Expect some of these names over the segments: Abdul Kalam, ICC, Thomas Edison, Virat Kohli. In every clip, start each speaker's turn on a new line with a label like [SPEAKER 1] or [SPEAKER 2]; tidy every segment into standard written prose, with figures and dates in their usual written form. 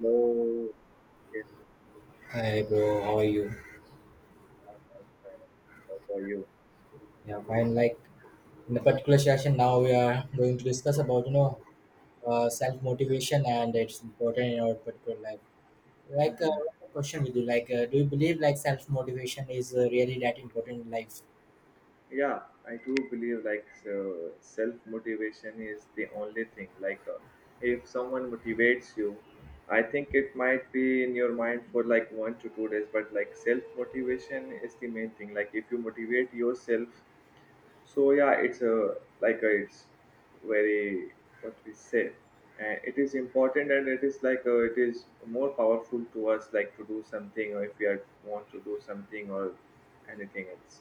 [SPEAKER 1] No, yes,
[SPEAKER 2] Hi bro, how are you?
[SPEAKER 1] I'm fine. How about you?
[SPEAKER 2] Yeah, fine. Like in a particular session, now we are going to discuss about self motivation and it's important in our particular life. Like
[SPEAKER 1] Hmm.
[SPEAKER 2] uh, a question with you, do you believe like self motivation is really that important in life?
[SPEAKER 1] Yeah, I do believe like self motivation is the only thing. If someone motivates you, I think it might be in your mind for like 1 to 2 days, but like self motivation is the main thing. Like, if you motivate yourself. So yeah, it's a like a, it's very what we say, and it is important, and it is more powerful to us, like to do something, or if we are want to do something or anything else.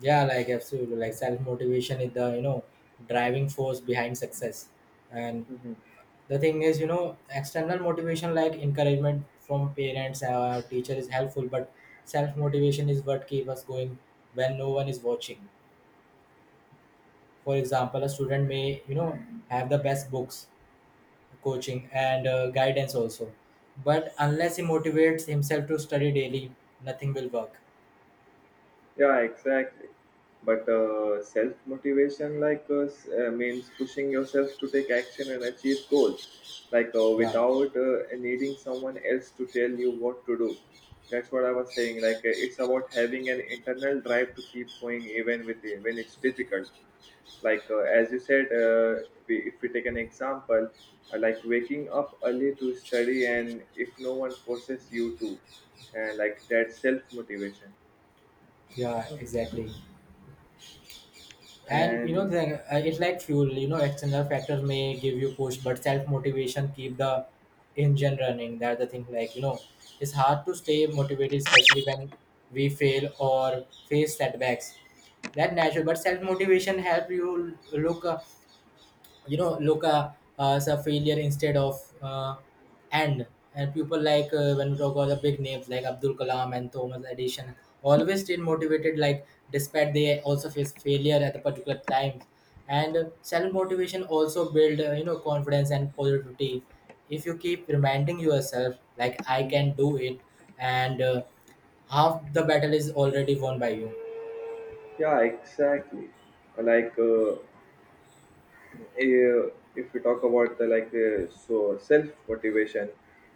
[SPEAKER 2] Yeah, like absolutely. Like self motivation is the driving force behind success, and
[SPEAKER 1] Mhm.
[SPEAKER 2] the thing is external motivation like encouragement from parents or teacher is helpful, but self motivation is what keeps us going when no one is watching. For example a student may have the best books, coaching and guidance also, but unless he motivates himself to study daily, nothing will work.
[SPEAKER 1] Yeah, exactly. But Self motivation, means pushing yourself to take action and achieve goals,
[SPEAKER 2] yeah
[SPEAKER 1] without needing someone else to tell you what to do. That's what I was saying. It's about having an internal drive to keep going even with when it's difficult. As you said, if we take an example, like waking up early to study, and if no one forces you to, and like that self motivation.
[SPEAKER 2] yeah
[SPEAKER 1] Mhm.
[SPEAKER 2] exactly. And
[SPEAKER 1] And
[SPEAKER 2] it's like fuel. External factors may give you push but self motivation keep the engine running. That's the thing, it's hard to stay motivated especially when we fail or face setbacks. That natural, but self motivation help you look Luca as a failure instead of and and people, when we talk about the big names like Abdul Kalam and Thomas Edison, always stayed motivated like despite they also face failure at the particular times. And self motivation also build confidence and positivity. If you keep reminding yourself like I
[SPEAKER 1] mhm.
[SPEAKER 2] can do it, and half the battle is already won by you.
[SPEAKER 1] Yeah, exactly. Like uh, uh, if we talk about the self motivation,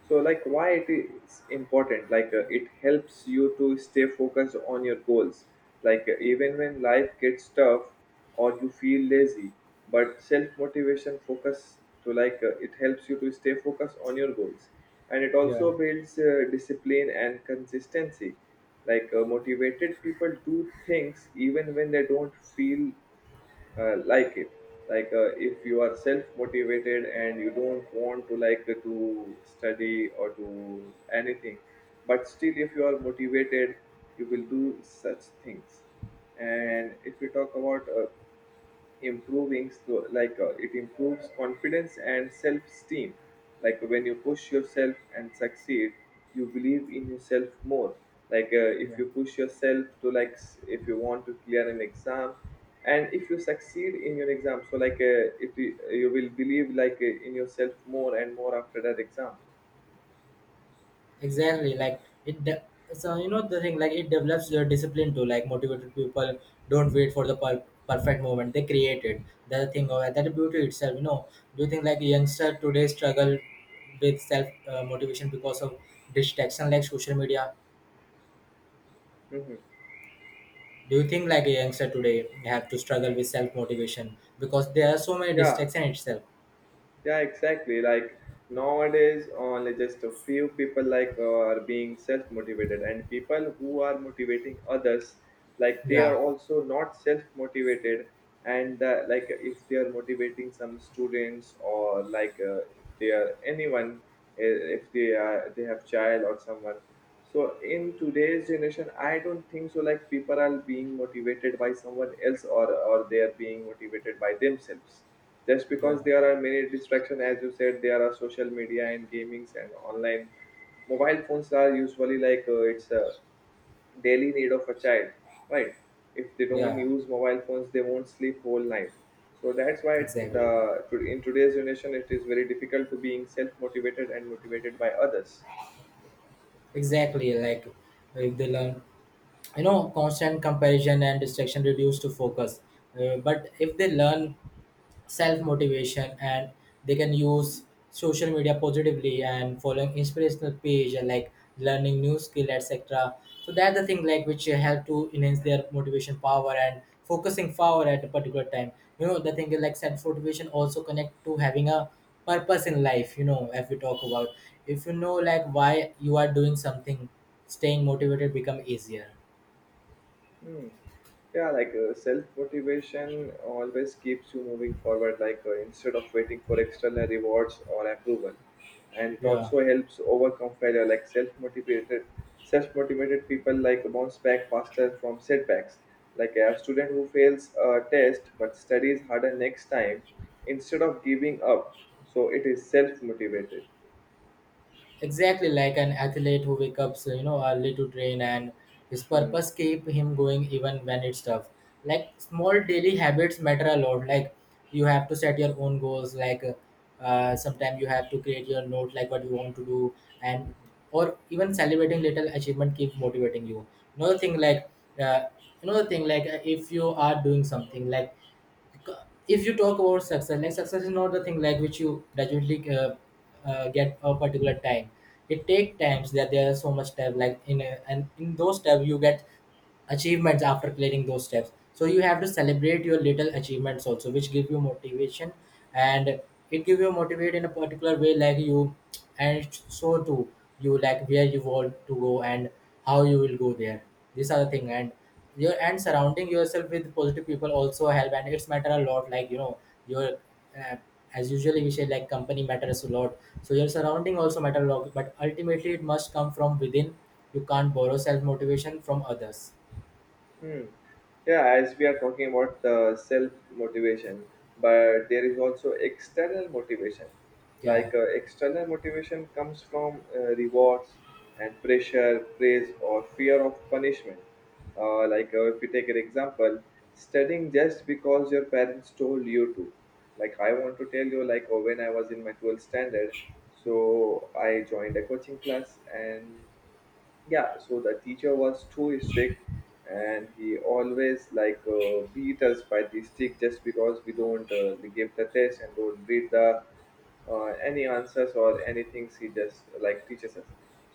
[SPEAKER 1] like why it is important, it helps you to stay focused on your goals, even when life gets tough or you feel lazy. But self motivation focus to like It helps you to stay focused on your goals, and it
[SPEAKER 2] yeah
[SPEAKER 1] also builds discipline and consistency. Motivated people do things even when they don't feel like it. If you are self motivated and you don't want to to study or to anything, but still if you are motivated, you will do such things. And if we talk about improving, it improves confidence and self-esteem. Like when you push yourself and succeed, you believe in yourself more.
[SPEAKER 2] yeah
[SPEAKER 1] If you push yourself to if you want to clear an exam, and if you succeed in your exam, so like it you will believe in yourself more and more after that exam.
[SPEAKER 2] Exactly, like it. De- so you know the thing, like It develops your discipline too. Like motivated people don't wait for the perfect moment; they create it. That's the thing
[SPEAKER 1] Mhm.
[SPEAKER 2] of that beauty itself. You know, do you think like youngster today struggle with self motivation because of distraction like social media?
[SPEAKER 1] Mhm.
[SPEAKER 2] Do you think like a youngster today have to struggle with self motivation because there are so many
[SPEAKER 1] Yeah,
[SPEAKER 2] distractions itself?
[SPEAKER 1] yeah, exactly. Like nowadays, only just a few people are being self-motivated, and people who are motivating others, like they
[SPEAKER 2] Yeah,
[SPEAKER 1] are also not self-motivated. And like if they are motivating some students or they are anyone, if they are they have child or someone, so in today's generation, I don't think so. Like people are being motivated by someone else, or they are being motivated by themselves. Just because
[SPEAKER 2] yeah,
[SPEAKER 1] there are many distractions, as you said, there are social media and gamings and online, mobile phones are usually it's a daily need of a child, right? If they don't
[SPEAKER 2] yeah.
[SPEAKER 1] use mobile phones, they won't sleep whole night. So that's why it- the
[SPEAKER 2] Exactly,
[SPEAKER 1] to- in today's generation, it is very difficult to being self motivated and motivated by others.
[SPEAKER 2] exactly. Like if they learn constant comparison and distraction reduce to focus. But if they learn self motivation, and they can use social media positively and following inspirational page and like learning new skill etc, so that's the thing like which help to enhance their motivation power and focusing power at a particular time. The thing is like self motivation also connect to having a purpose in life. If we talk about, if you know like why you are doing something, staying motivated become easier.
[SPEAKER 1] Hmm. Yeah, self motivation always keeps you moving forward, instead of waiting for external rewards or approval. And it
[SPEAKER 2] Yeah,
[SPEAKER 1] also helps overcome failure. Self motivated people like bounce back faster from setbacks, like a student who fails a test but studies harder next time instead of giving up. So it is self motivated.
[SPEAKER 2] exactly, like an athlete who wakes up so, early to train, and his
[SPEAKER 1] hmm.
[SPEAKER 2] purpose keep him going even when it's tough. Like small daily habits matter a lot. Like you have to set your own goals, like sometimes you have to create your note like what you want to do. And or even celebrating little achievement keep motivating you. another thing like uh, Another thing, if you are doing something, like if you talk about success, like success is not the thing like which you gradually get a particular time. It take times, that there are so much time, like in and in those time you get achievements after clearing those steps, so you have to celebrate your little achievements also which give you motivation. And it give you motivate in a particular way, like you and so too you like where you want to go and how you will go there. These are the thing. And your and surrounding yourself with positive people also help, and it's matter a lot. Like you know your uh, as usually we say, like company matters a lot, so your surrounding also matter a lot, but ultimately it must come from within. You can't borrow self motivation from others.
[SPEAKER 1] Hmm. Yeah, as we are talking about the self motivation, but there is also external motivation.
[SPEAKER 2] Yeah,
[SPEAKER 1] External motivation comes from rewards and pressure, praise, or fear of punishment. If you take an example, studying just because your parents told you to. I want to tell you, like, oh, when I was in my 12th standard, so I joined a coaching class, and yeah, so the teacher was too strict, and he always beat us by the stick just because we don't give the test and don't read the any answers or anything, he just like teaches us.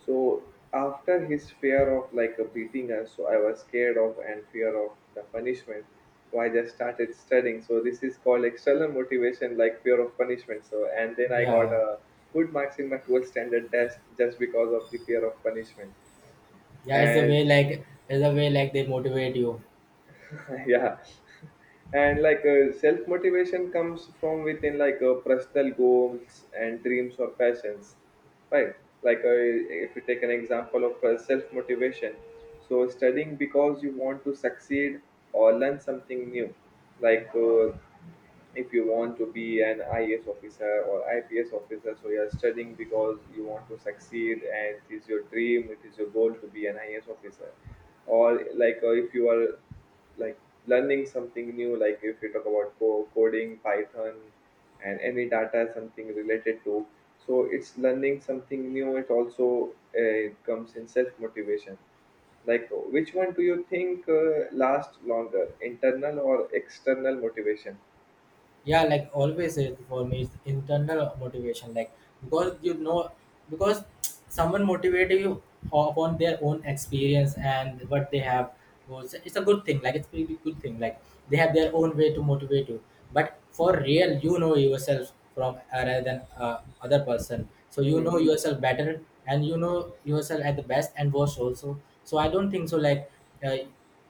[SPEAKER 1] So after his fear of beating us, so I was scared of and fear of the punishment, so I just started studying. So this is called external motivation, like fear of punishment. So and then I got
[SPEAKER 2] yeah,
[SPEAKER 1] a good marks in my 12th standard test just because of the fear of punishment.
[SPEAKER 2] yeah. It's the
[SPEAKER 1] And
[SPEAKER 2] way, like it's the way like they motivate you.
[SPEAKER 1] yeah. And self motivation comes from within, personal goals and dreams or passions, right? like uh, if you take an example of self motivation, so studying because you want to succeed or learn something new. like uh, if you want to be an IAS officer or IPS officer, so you're studying because you want to succeed, and it is your dream, it is your goal to be an IAS officer. Or if you are like learning something new, like if you talk about coding python and any data something related to, so it's learning something new, it also comes in self motivation. Like which one do you think lasts longer, internal or external motivation?
[SPEAKER 2] Yeah, like always it for me is internal motivation. Like because because someone motivate you upon their own experience and what they have, was it's a good thing, like it's really good thing like they have their own way to motivate you. But for real you know yourself from rather than other person, so you
[SPEAKER 1] Hmm.
[SPEAKER 2] know yourself better and you know yourself at the best and worst also. So I don't think so like uh,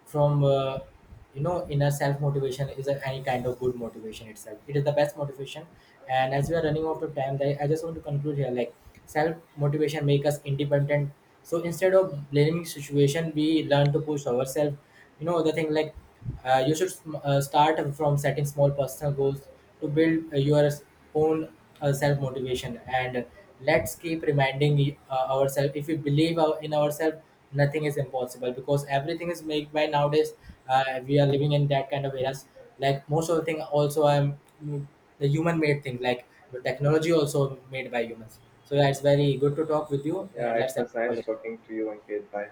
[SPEAKER 2] from you know inner self motivation is any kind of good motivation itself, it is the best motivation. And as we are running out of time, I just want to conclude here like self motivation make us independent. So instead of blaming situation we learn to push ourselves. You know the thing like You should start from setting small personal goals to build your own self motivation. And let's keep reminding ourselves if we believe in ourselves, nothing is impossible, because everything is made by nowadays. We are living in that kind of eras. Like most of the thing also I the human made thing, like the technology also made by humans. So yeah, it's very good to talk with you,
[SPEAKER 1] Yeah,
[SPEAKER 2] and
[SPEAKER 1] it
[SPEAKER 2] let's end
[SPEAKER 1] was
[SPEAKER 2] the
[SPEAKER 1] nice
[SPEAKER 2] call.
[SPEAKER 1] talking to you, Ankit. Bye.